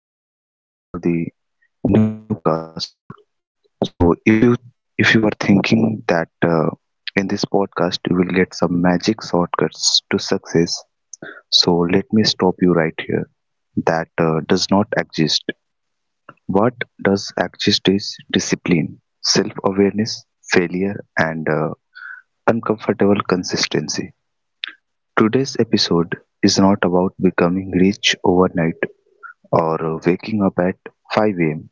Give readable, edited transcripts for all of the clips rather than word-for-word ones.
Welcome back to the new podcast. So, if you are thinking that in this podcast you will get some magic shortcuts to success, so let me stop you right here. That does not exist. What does exist is discipline, self-awareness, failure, and uncomfortable consistency. Today's episode is not about becoming rich overnight or waking up at 5 a.m.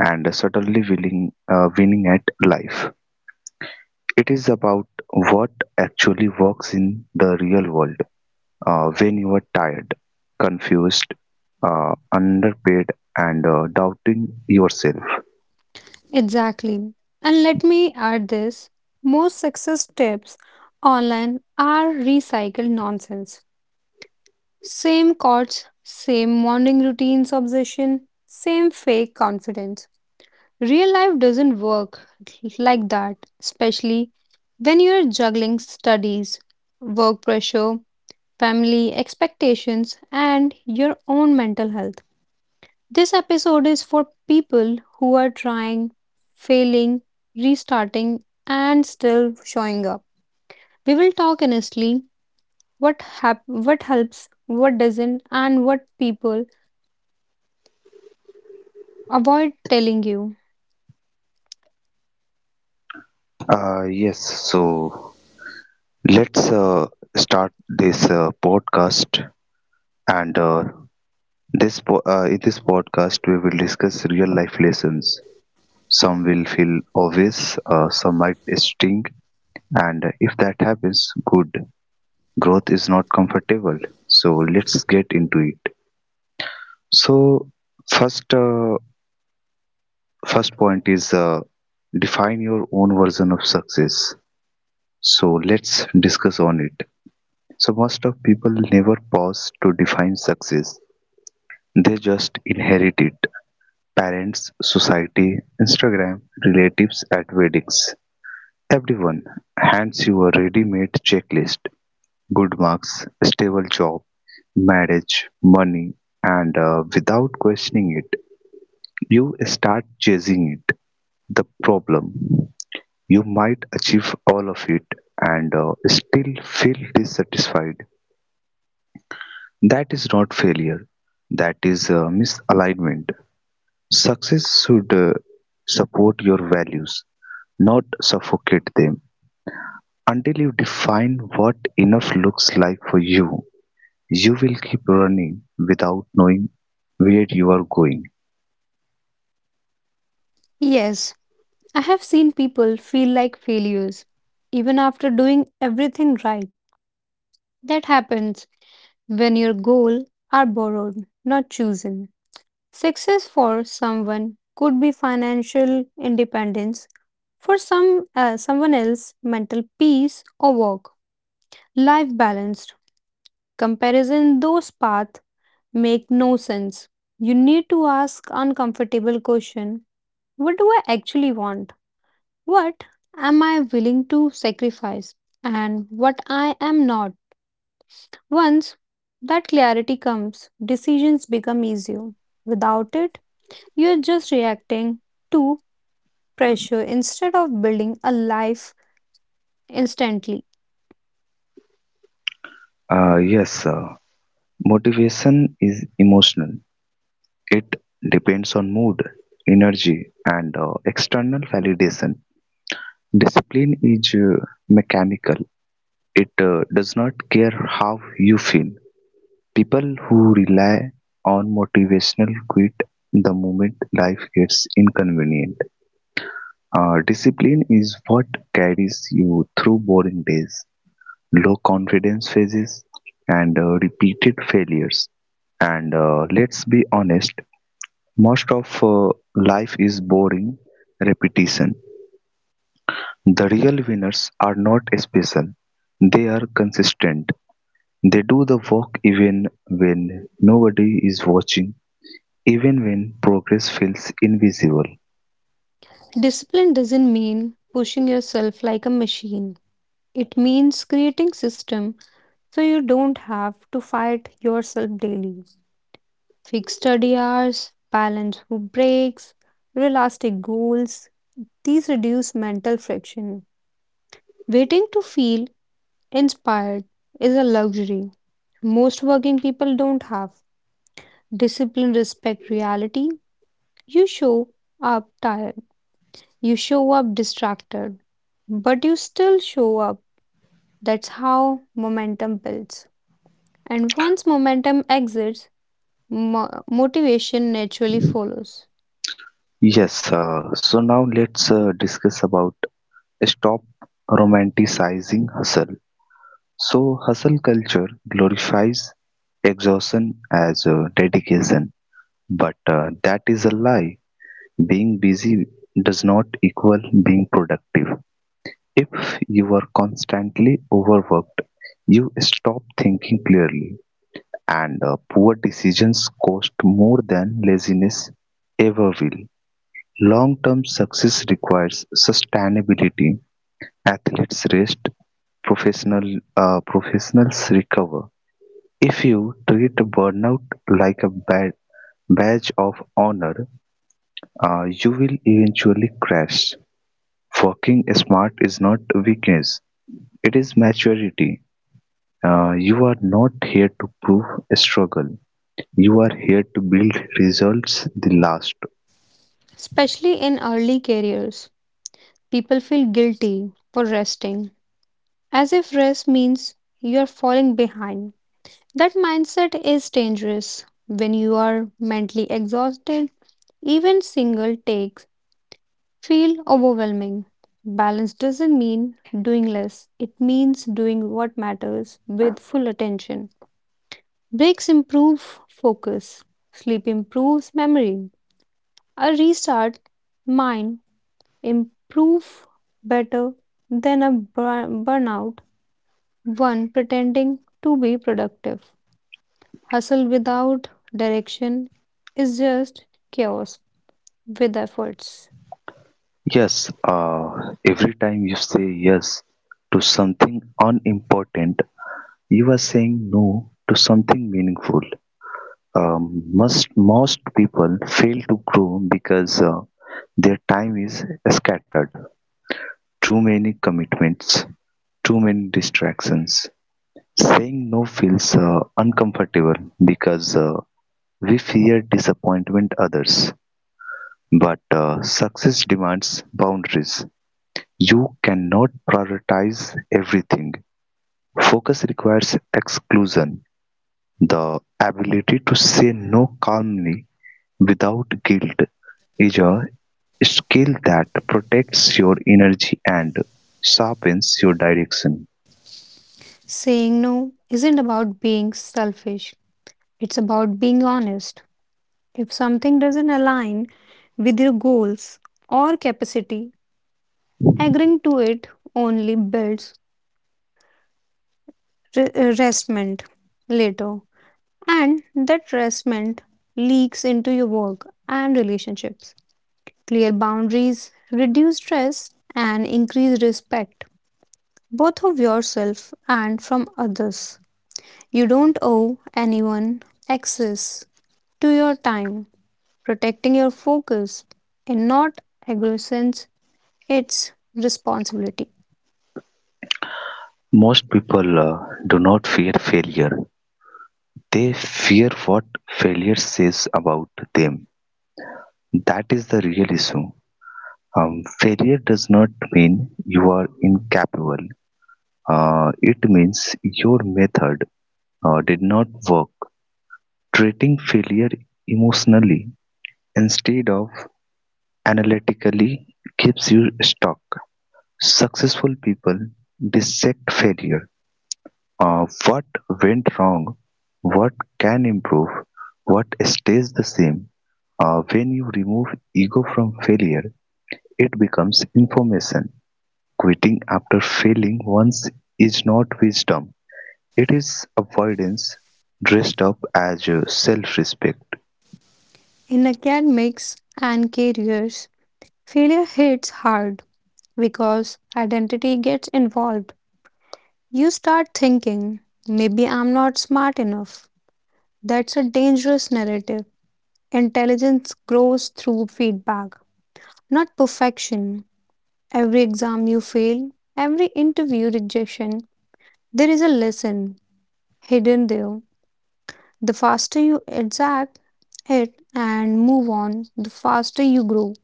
and certainly willing, winning at life. It is about what actually works in the real world when you are tired, confused, underpaid, and doubting yourself. Exactly. And let me add this most success tips online are recycled nonsense. Same cots, same morning routines obsession, same fake confidence. Real life doesn't work like that, especially when you're juggling studies, work pressure, family expectations, and your own mental health. This episode is for people who are trying, failing, restarting, and still showing up. We will talk honestly what helps, what doesn't, and what people avoid telling you. Yes, so let's start this podcast. And in this podcast, we will discuss real life lessons. Some will feel obvious, some might sting, and if that happens, good. Growth is not comfortable, so let's get into it. So first uh, first point is, define your own version of success. So let's discuss on it. So most of people never pause to define success. They just inherit it. Parents, society, Instagram, relatives at weddings, everyone hands you a ready-made checklist. Good marks, stable job, marriage, money, and without questioning it, you start chasing it. The problem, you might achieve all of it and still feel dissatisfied. That is not failure, that is misalignment. Success should support your values, not suffocate them. Until you define what enough looks like for you, you will keep running without knowing where you are going. Yes, I have seen people feel like failures even after doing everything right. That happens when your goal are borrowed, not chosen. Success for someone could be financial independence, for someone else mental peace or work life balanced. Comparison those paths make no sense. You need to ask uncomfortable question. What do I actually want? What am I willing to sacrifice and what I am not? Once that clarity comes, decisions become easier. Without it, you are just reacting to. Pressure instead of building a life instantly. Yes, motivation is emotional. It depends on mood, energy, and external validation. Discipline is mechanical. It does not care how you feel. People who rely on motivational quit the moment life gets inconvenient. Discipline is what carries you through boring days. Low confidence phases and repeated failures. And let's be honest, most of life is boring repetition. The real winners are not special, they are consistent. They do the work even when nobody is watching, even when progress feels invisible. Discipline doesn't mean pushing yourself like a machine. It means creating system so you don't have to fight yourself daily. Fixed study hours, balance breaks, realistic goals. These reduce mental friction. Waiting to feel inspired is a luxury most working people don't have. Discipline respect reality. You show up tired. You show up distracted, but you still show up. That's how momentum builds. And once momentum exits, motivation naturally follows. Yes, so now let's discuss about stop romanticizing hustle. So hustle culture glorifies exhaustion as a dedication, but that is a lie. Being busy does not equal being productive. If you are constantly overworked, you stop thinking clearly, and poor decisions cost more than laziness ever will. Long term success requires sustainability. Athletes rest, professional, professionals recover. If you treat burnout like a badge of honor, you will eventually crash. Working smart is not weakness, it is maturity. You are not here to prove a struggle, you are here to build results the last. Especially in early careers, people feel guilty for resting, as if rest means you are falling behind. That mindset is dangerous when you are mentally exhausted. Even single takes feel overwhelming. Balance doesn't mean doing less, it means doing what matters with full attention. Breaks improve focus, sleep improves memory. A restart mind improve better than a burnout one pretending to be productive. Hustle without direction is just chaos with efforts. Yes, every time you say yes to something unimportant, you are saying no to something meaningful. um, most people fail to grow because their time is scattered. Too many commitments, too many distractions. Saying no feels uncomfortable because we fear disappointment others. But success demands boundaries. You cannot prioritize everything. Focus requires exclusion. The ability to say no calmly without guilt is a skill that protects your energy and sharpens your direction. Saying no isn't about being selfish. It's about being honest. If something doesn't align with your goals or capacity, agreeing to it only builds resentment later. And that resentment leaks into your work and relationships. Clear boundaries reduce stress and increase respect, both of yourself and from others. You don't owe anyone access to your time protecting your focus and not aggressions its responsibility. Most people do not fear failure. They fear what failure says about them. That is the real issue. Failure does not mean you are incapable. It means your method did not work. Treating failure emotionally instead of analytically keeps you stuck. Successful people dissect failure, what went wrong, what can improve, what stays the same. When you remove ego from failure, it becomes information. Quitting after failing once is not wisdom, it is avoidance dressed up as self respect. In academics and careers, failure hits hard because identity gets involved. You start thinking, maybe I'm not smart enough. That's a dangerous narrative. Intelligence grows through feedback, not perfection. Every exam you fail, every interview rejection, there is a lesson hidden there. The faster you exact it and move on, the faster you grow.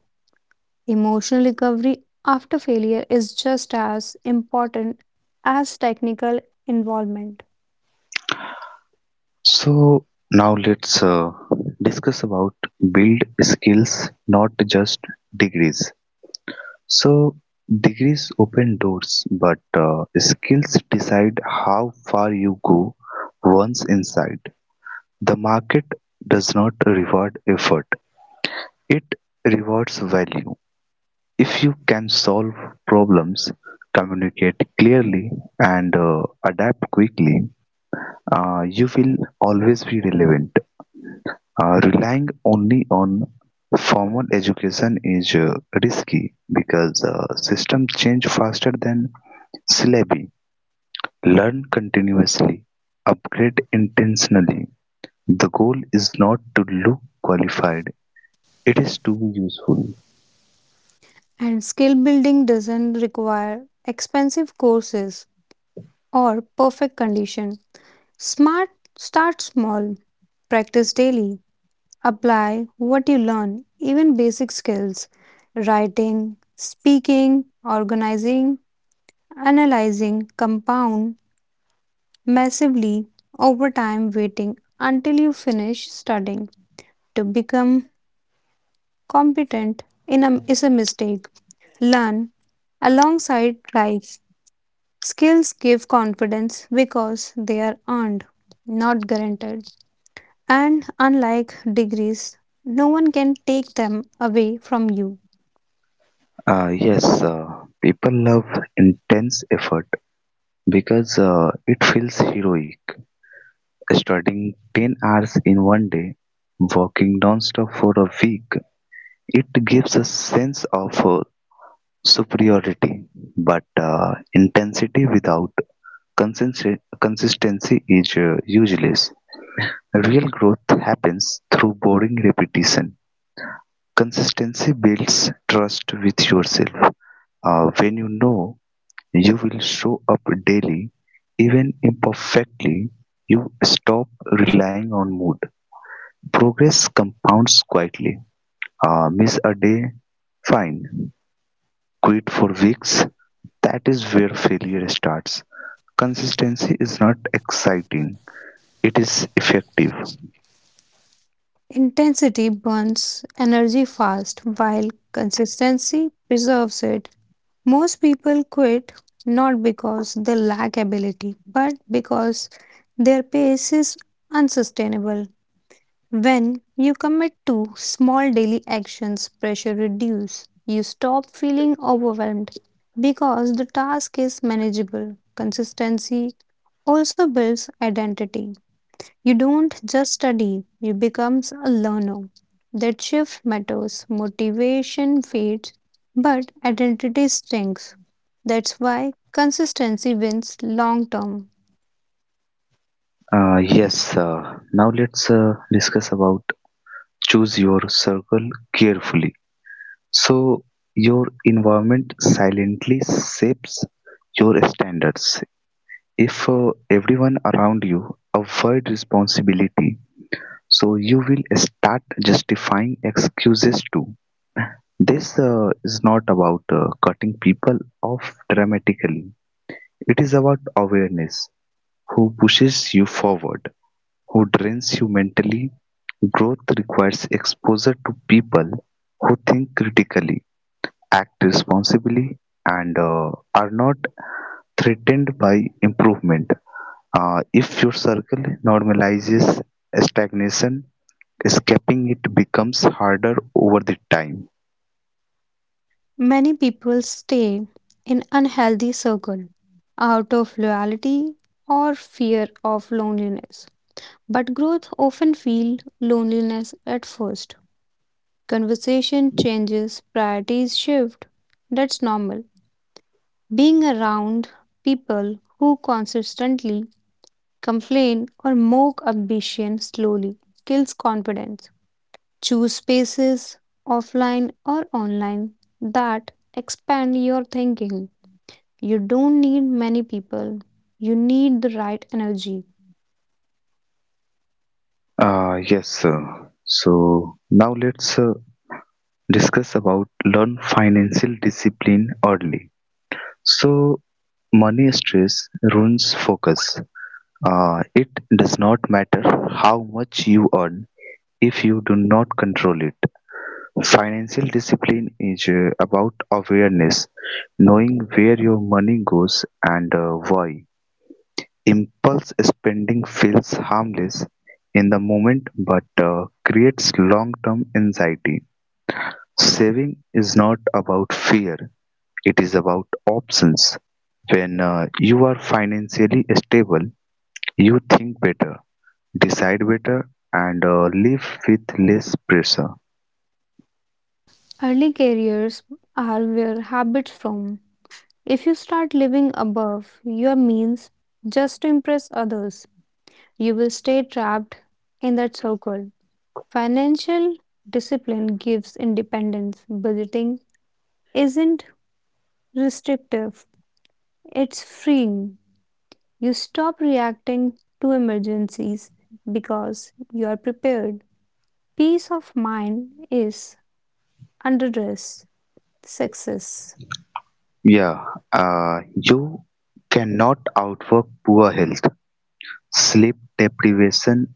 Emotional recovery after failure is just as important as technical involvement. So, now let's discuss about build skills, not just degrees. So degrees open doors, but skills decide how far you go once inside. The market does not reward effort, it rewards value. If you can solve problems, communicate clearly, and adapt quickly, you will always be relevant. Relying only on formal education is risky because system change faster than syllabi. Learn continuously, upgrade intentionally. The goal is not to look qualified, it is to be useful. And skill building doesn't require expensive courses or perfect condition. Smart start small, practice daily, apply what you learn, even basic skills, writing, speaking, organizing, analyzing compound massively over time waiting until you finish studying to become competent in a, is a mistake learn alongside life skills give confidence because they are earned not guaranteed, and unlike degrees no one can take them away from you. Yes, people love intense effort because it feels heroic. Studying 10 hours in one day, walking non-stop for a week, it gives a sense of superiority. But intensity without consistency is useless. Real growth happens through boring repetition. Consistency builds trust with yourself. When you know you will show up daily, even imperfectly, you stop relying on mood. Progress compounds quietly. Miss a day, fine. Quit for weeks, that is where failure starts. Consistency is not exciting, it is effective. Intensity burns energy fast while consistency preserves it. Most people quit not because they lack ability, but because their pace is unsustainable. When you commit to small daily actions, pressure reduces. You stop feeling overwhelmed because the task is manageable. Consistency also builds identity. You don't just study, you become a learner. That shift matters. Motivation fades, but identity stinks. That's why consistency wins long term. Yes, now let's discuss about choose your circle carefully. So, your environment silently shapes your standards. If everyone around you avoid responsibility, so you will start justifying excuses too. This is not about cutting people off dramatically. It is about awareness, who pushes you forward, who drains you mentally. Growth requires exposure to people who think critically, act responsibly, and are not threatened by improvement. If your circle normalizes stagnation, escaping it becomes harder over the time. Many people stay in unhealthy circle out of loyalty or fear of loneliness. But growth often feels loneliness at first. Conversation changes, priorities shift. That's normal. Being around people who consistently complain or mock ambition slowly kills confidence. Choose spaces, offline or online, that expand your thinking. You don't need many people, you need the right energy. Yes, sir. So now let's discuss about learn financial discipline early. So money stress ruins focus. It does not matter how much you earn if you do not control it. Financial discipline is about awareness, knowing where your money goes and why. Impulse spending feels harmless in the moment but creates long term anxiety. Saving is not about fear, it is about options. When you are financially stable, you think better, decide better, and live with less pressure. Early careers are where habits form. If you start living above your means just to impress others, you will stay trapped in that circle. Financial discipline gives independence. Budgeting isn't restrictive, it's freeing. You stop reacting to emergencies because you are prepared. Peace of mind is underdress success. Yeah, you cannot outwork poor health, sleep deprivation,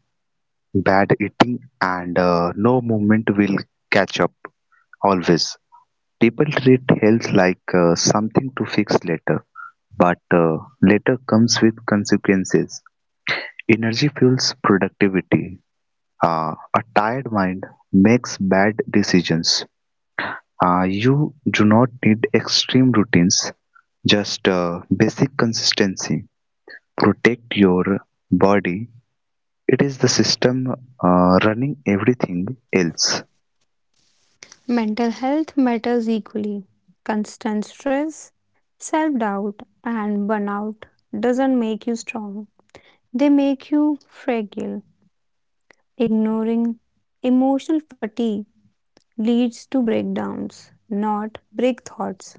bad eating, and no movement will catch up always. People treat health like something to fix later, but later comes with consequences. Energy fuels productivity. A tired mind makes bad decisions. You do not need extreme routines, just basic consistency. Protect your body. It is the system running everything else. Mental health matters equally. Constant stress, self doubt, and burnout doesn't make you strong, they make you fragile. Ignoring emotional fatigue leads to breakdowns, not break thoughts.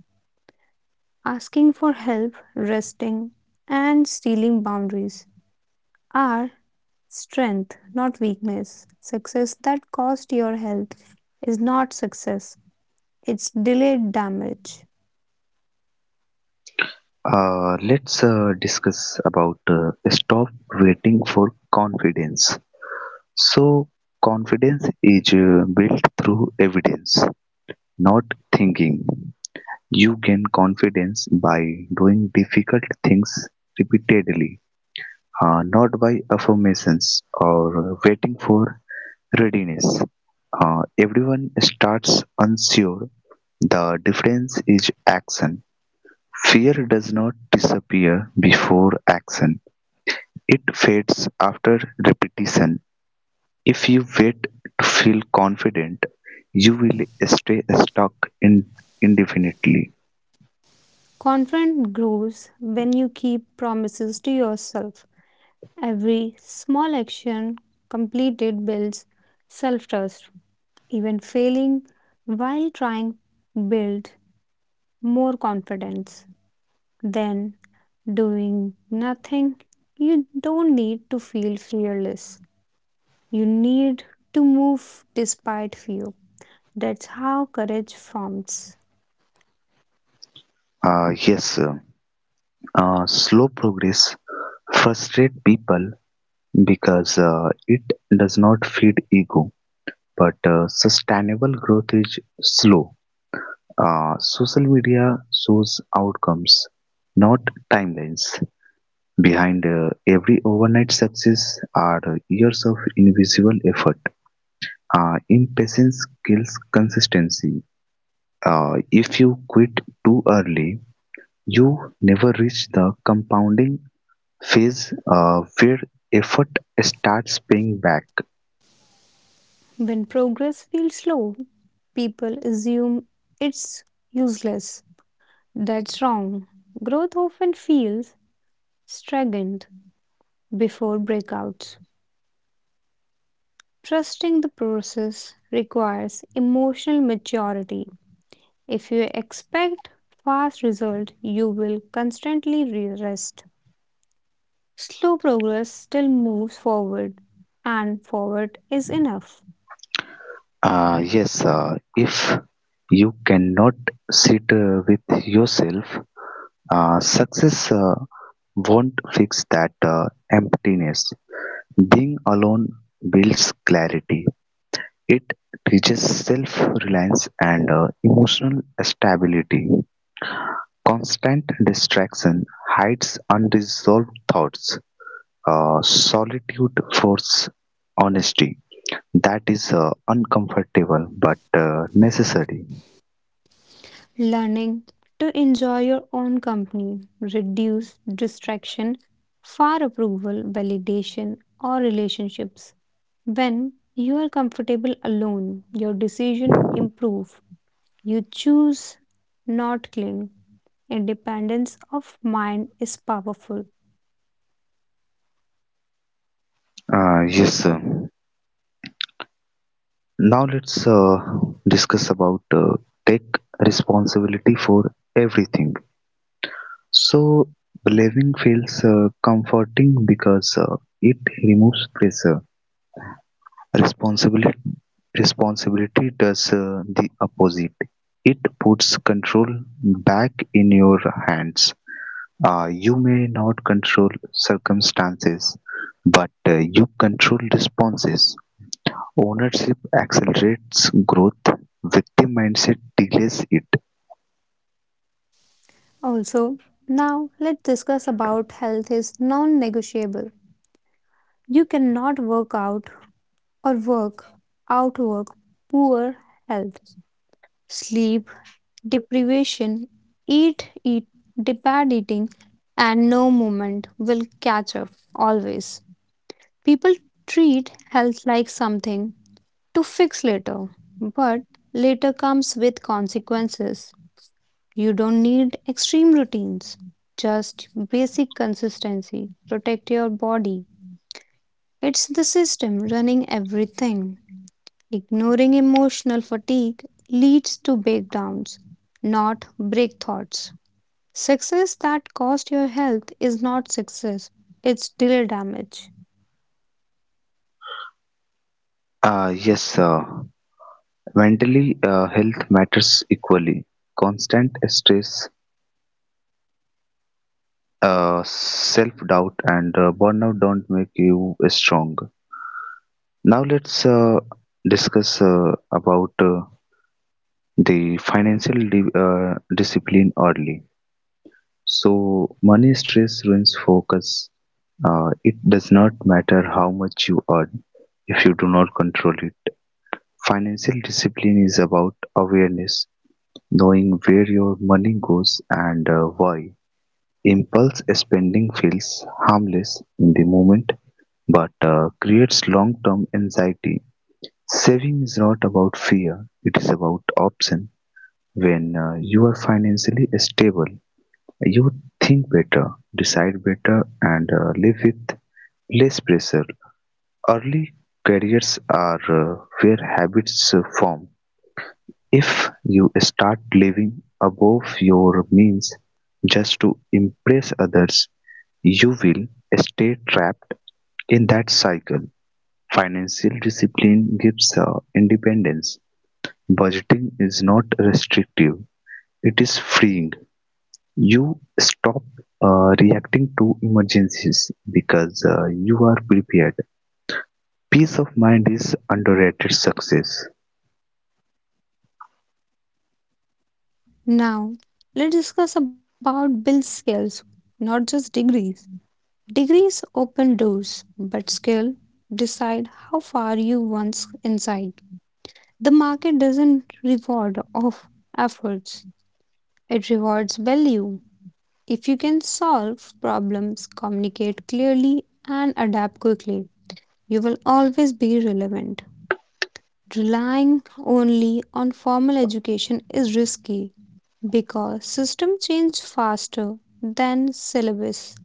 Asking for help, resting, and stealing boundaries are strength, not weakness. Success that cost your health is not success, it's delayed damage. Let's discuss about stop waiting for confidence. So, confidence is built through evidence, not thinking. You gain confidence by doing difficult things repeatedly, not by affirmations or waiting for readiness. Everyone starts unsure. The difference is action. Fear does not disappear before action, it fades after repetition. If you wait to feel confident, you will stay stuck in indefinitely. Confidence grows when you keep promises to yourself. Every small action completed builds self trust. Even failing while trying builds more confidence than doing nothing. You don't need to feel fearless. You need to move despite fear. That's how courage forms. Yes, slow progress frustrates people because it does not feed ego, but sustainable growth is slow. Social media shows outcomes, not timelines. Behind every overnight success are years of invisible effort. Impatience kills consistency. If you quit too early, you never reach the compounding phase where effort starts paying back. When progress feels slow, people assume it's useless. That's wrong. Growth often feels stagnant before breakouts. Trusting the process requires emotional maturity. If you expect fast result, you will constantly rest. Slow progress still moves forward, and forward is enough. Yes, if you cannot sit with yourself, success won't fix that emptiness. Being alone builds clarity, it teaches self reliance and emotional stability. Constant distraction hides unresolved thoughts, solitude forces honesty. That is uncomfortable but necessary. Learning to enjoy your own company, reduce distraction, far approval, validation, or relationships. When you are comfortable alone, your decision improve. You choose not cling. Independence of mind is powerful. Yes, sir. Now let's discuss about take responsibility for everything. So believing feels comforting because it removes pressure. Responsibility responsibility does the opposite. It puts control back in your hands. You may not control circumstances, but you control responses. Ownership accelerates growth; victim mindset delays it. Also, now let's discuss about health is non-negotiable. You cannot work out or work outwork poor health. Sleep, deprivation, eat, eat, bad eating, and no movement will catch up always. People treat health like something to fix later, but later comes with consequences. You don't need extreme routines, just basic consistency. Protect your body. It's the system running everything. Ignoring emotional fatigue leads to breakdowns, not break thoughts. Success that cost your health is not success, it's delay damage. Yes, mentally health matters equally. Constant stress, self doubt, and burnout don't make you strong. Now let's discuss about the financial discipline early. So money stress ruins focus. It does not matter how much you earn if you do not control it. Financial discipline is about awareness, knowing where your money goes and why. Impulse spending feels harmless in the moment but creates long term anxiety. Saving is not about fear, it is about option. When you are financially stable, you think better, decide better, and live with less pressure. Early careers are where habits form. If you start living above your means just to impress others, you will stay trapped in that cycle. Financial discipline gives independence. Budgeting is not restrictive, it is freeing. You stop reacting to emergencies because you are prepared. Peace of mind is underrated success. Now, let's discuss about build skills, not just degrees. Degrees open doors, but skill decide how far you once inside. The market doesn't reward of efforts, it rewards value. If you can solve problems, communicate clearly, and adapt quickly, you will always be relevant. Relying only on formal education is risky because system change faster than syllabus.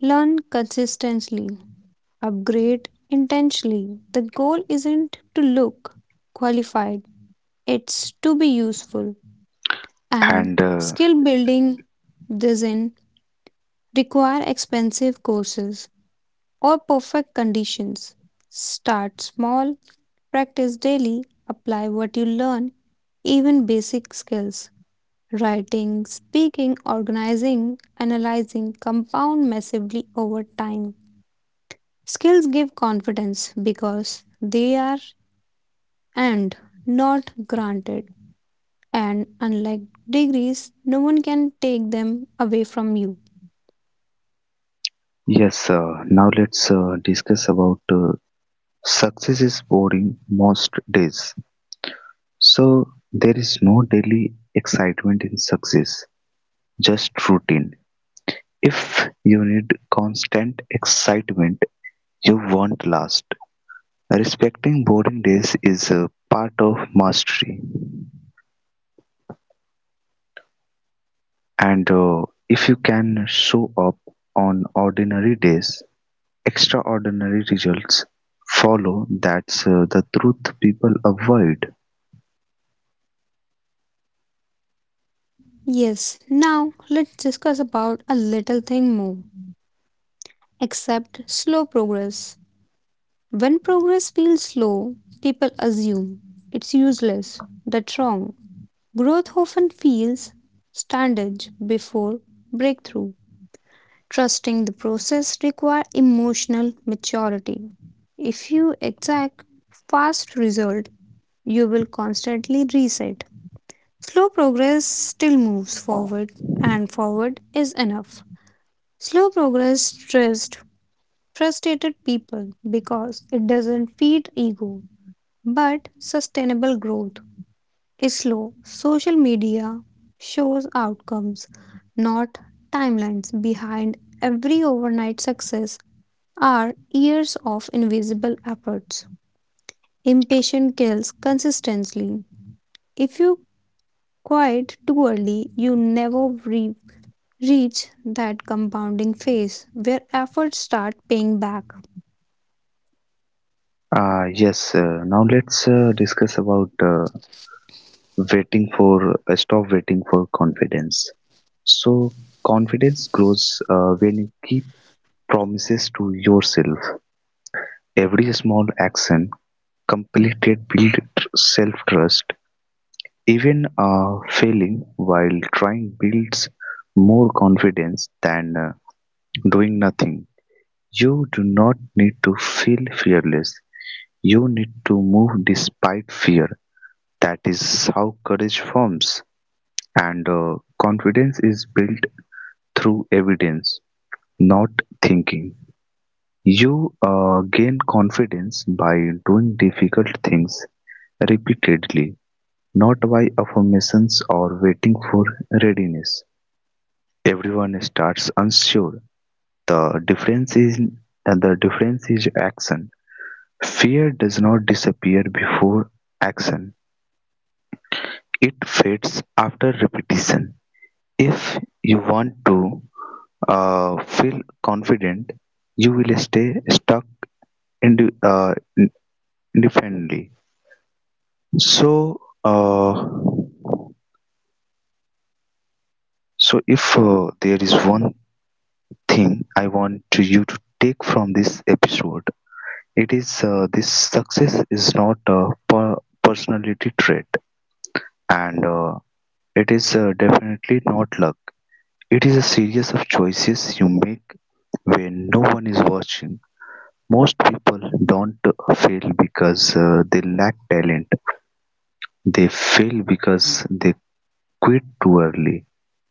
Learn consistently upgrade intentionally. The goal isn't to look qualified, it's to be useful. And And skill building doesn't require expensive courses or perfect conditions. Start small, practice daily, apply what you learn, even basic skills. Writing, speaking, organizing, analyzing compound massively over time. Skills give confidence because they are and not granted. And unlike degrees, no one can take them away from you. yes, now let's discuss about success is boring most days, so there is no daily excitement in success, just routine. If you need constant excitement, you won't last. Respecting boring days is a part of mastery, and if you can show up on ordinary days, extraordinary results follow. That's the truth people avoid. Yes, now let's discuss about a little thing more. Accept slow progress. When progress feels slow, people assume it's useless. That's wrong. Growth often feels standage before breakthrough. Trusting the process requires emotional maturity. If you exact fast result, you will constantly reset. Slow progress still moves forward, and forward is enough. Slow progress stressed frustrated people because it doesn't feed ego, but sustainable growth is slow. Social media shows outcomes, not timelines. Behind every overnight success are years of invisible efforts. Impatience kills consistency. If you Quite too early, you never reach that compounding phase where efforts start paying back. Ah yes, now let's discuss about waiting for stop waiting for confidence. So confidence grows when you keep promises to yourself. Every small action completed build self trust. Even failing while trying builds more confidence than doing nothing. You do not need to feel fearless, you need to move despite fear. That is how courage forms. And confidence is built through evidence, not thinking. You gain confidence by doing difficult things repeatedly, not by affirmations or waiting for readiness. Everyone starts unsure. The difference is the difference is action. Fear does not disappear before action. It fades after repetition. If you want to feel confident, you will stay stuck ind- uh, in- independently. So, uh, so if there is one thing I want to you to take from this episode, it is this success is not a personality trait, and it is definitely not luck. It is a series of choices you make when no one is watching. Most people don't fail because they lack talent. They fail because they quit too early,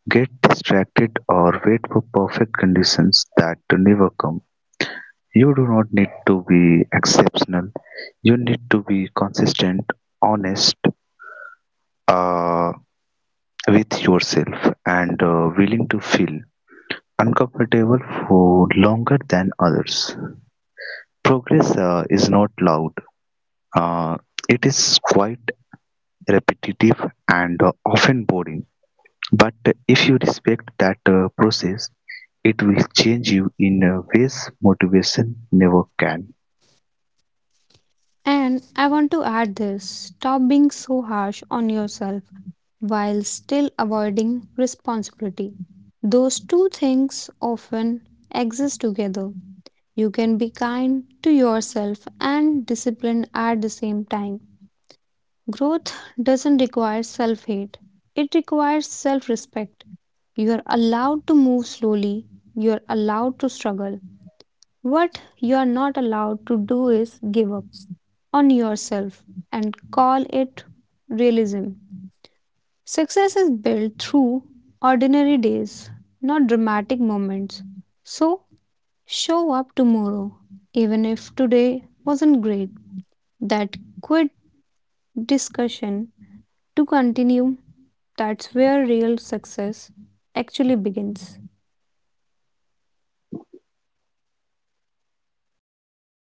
get distracted, or wait for perfect conditions that do never come. You do not need to be exceptional. You need to be consistent, honest, uh, with yourself, and willing to feel uncomfortable for longer than others. Progress is not loud, uh, it is quite repetitive and often boring. But if you respect that process, it will change you in ways motivation never can. And I want to add this stop being so harsh on yourself while still avoiding responsibility. Those two things often exist together. You can be kind to yourself and disciplined at the same time. Growth doesn't require self hate, it requires self respect. You are allowed to move slowly, you are allowed to struggle. What you are not allowed to do is give up on yourself and call it realism. Success is built through ordinary days, not dramatic moments. So, show up tomorrow, even if today wasn't great. That quit discussion to continue. That's where real success actually begins.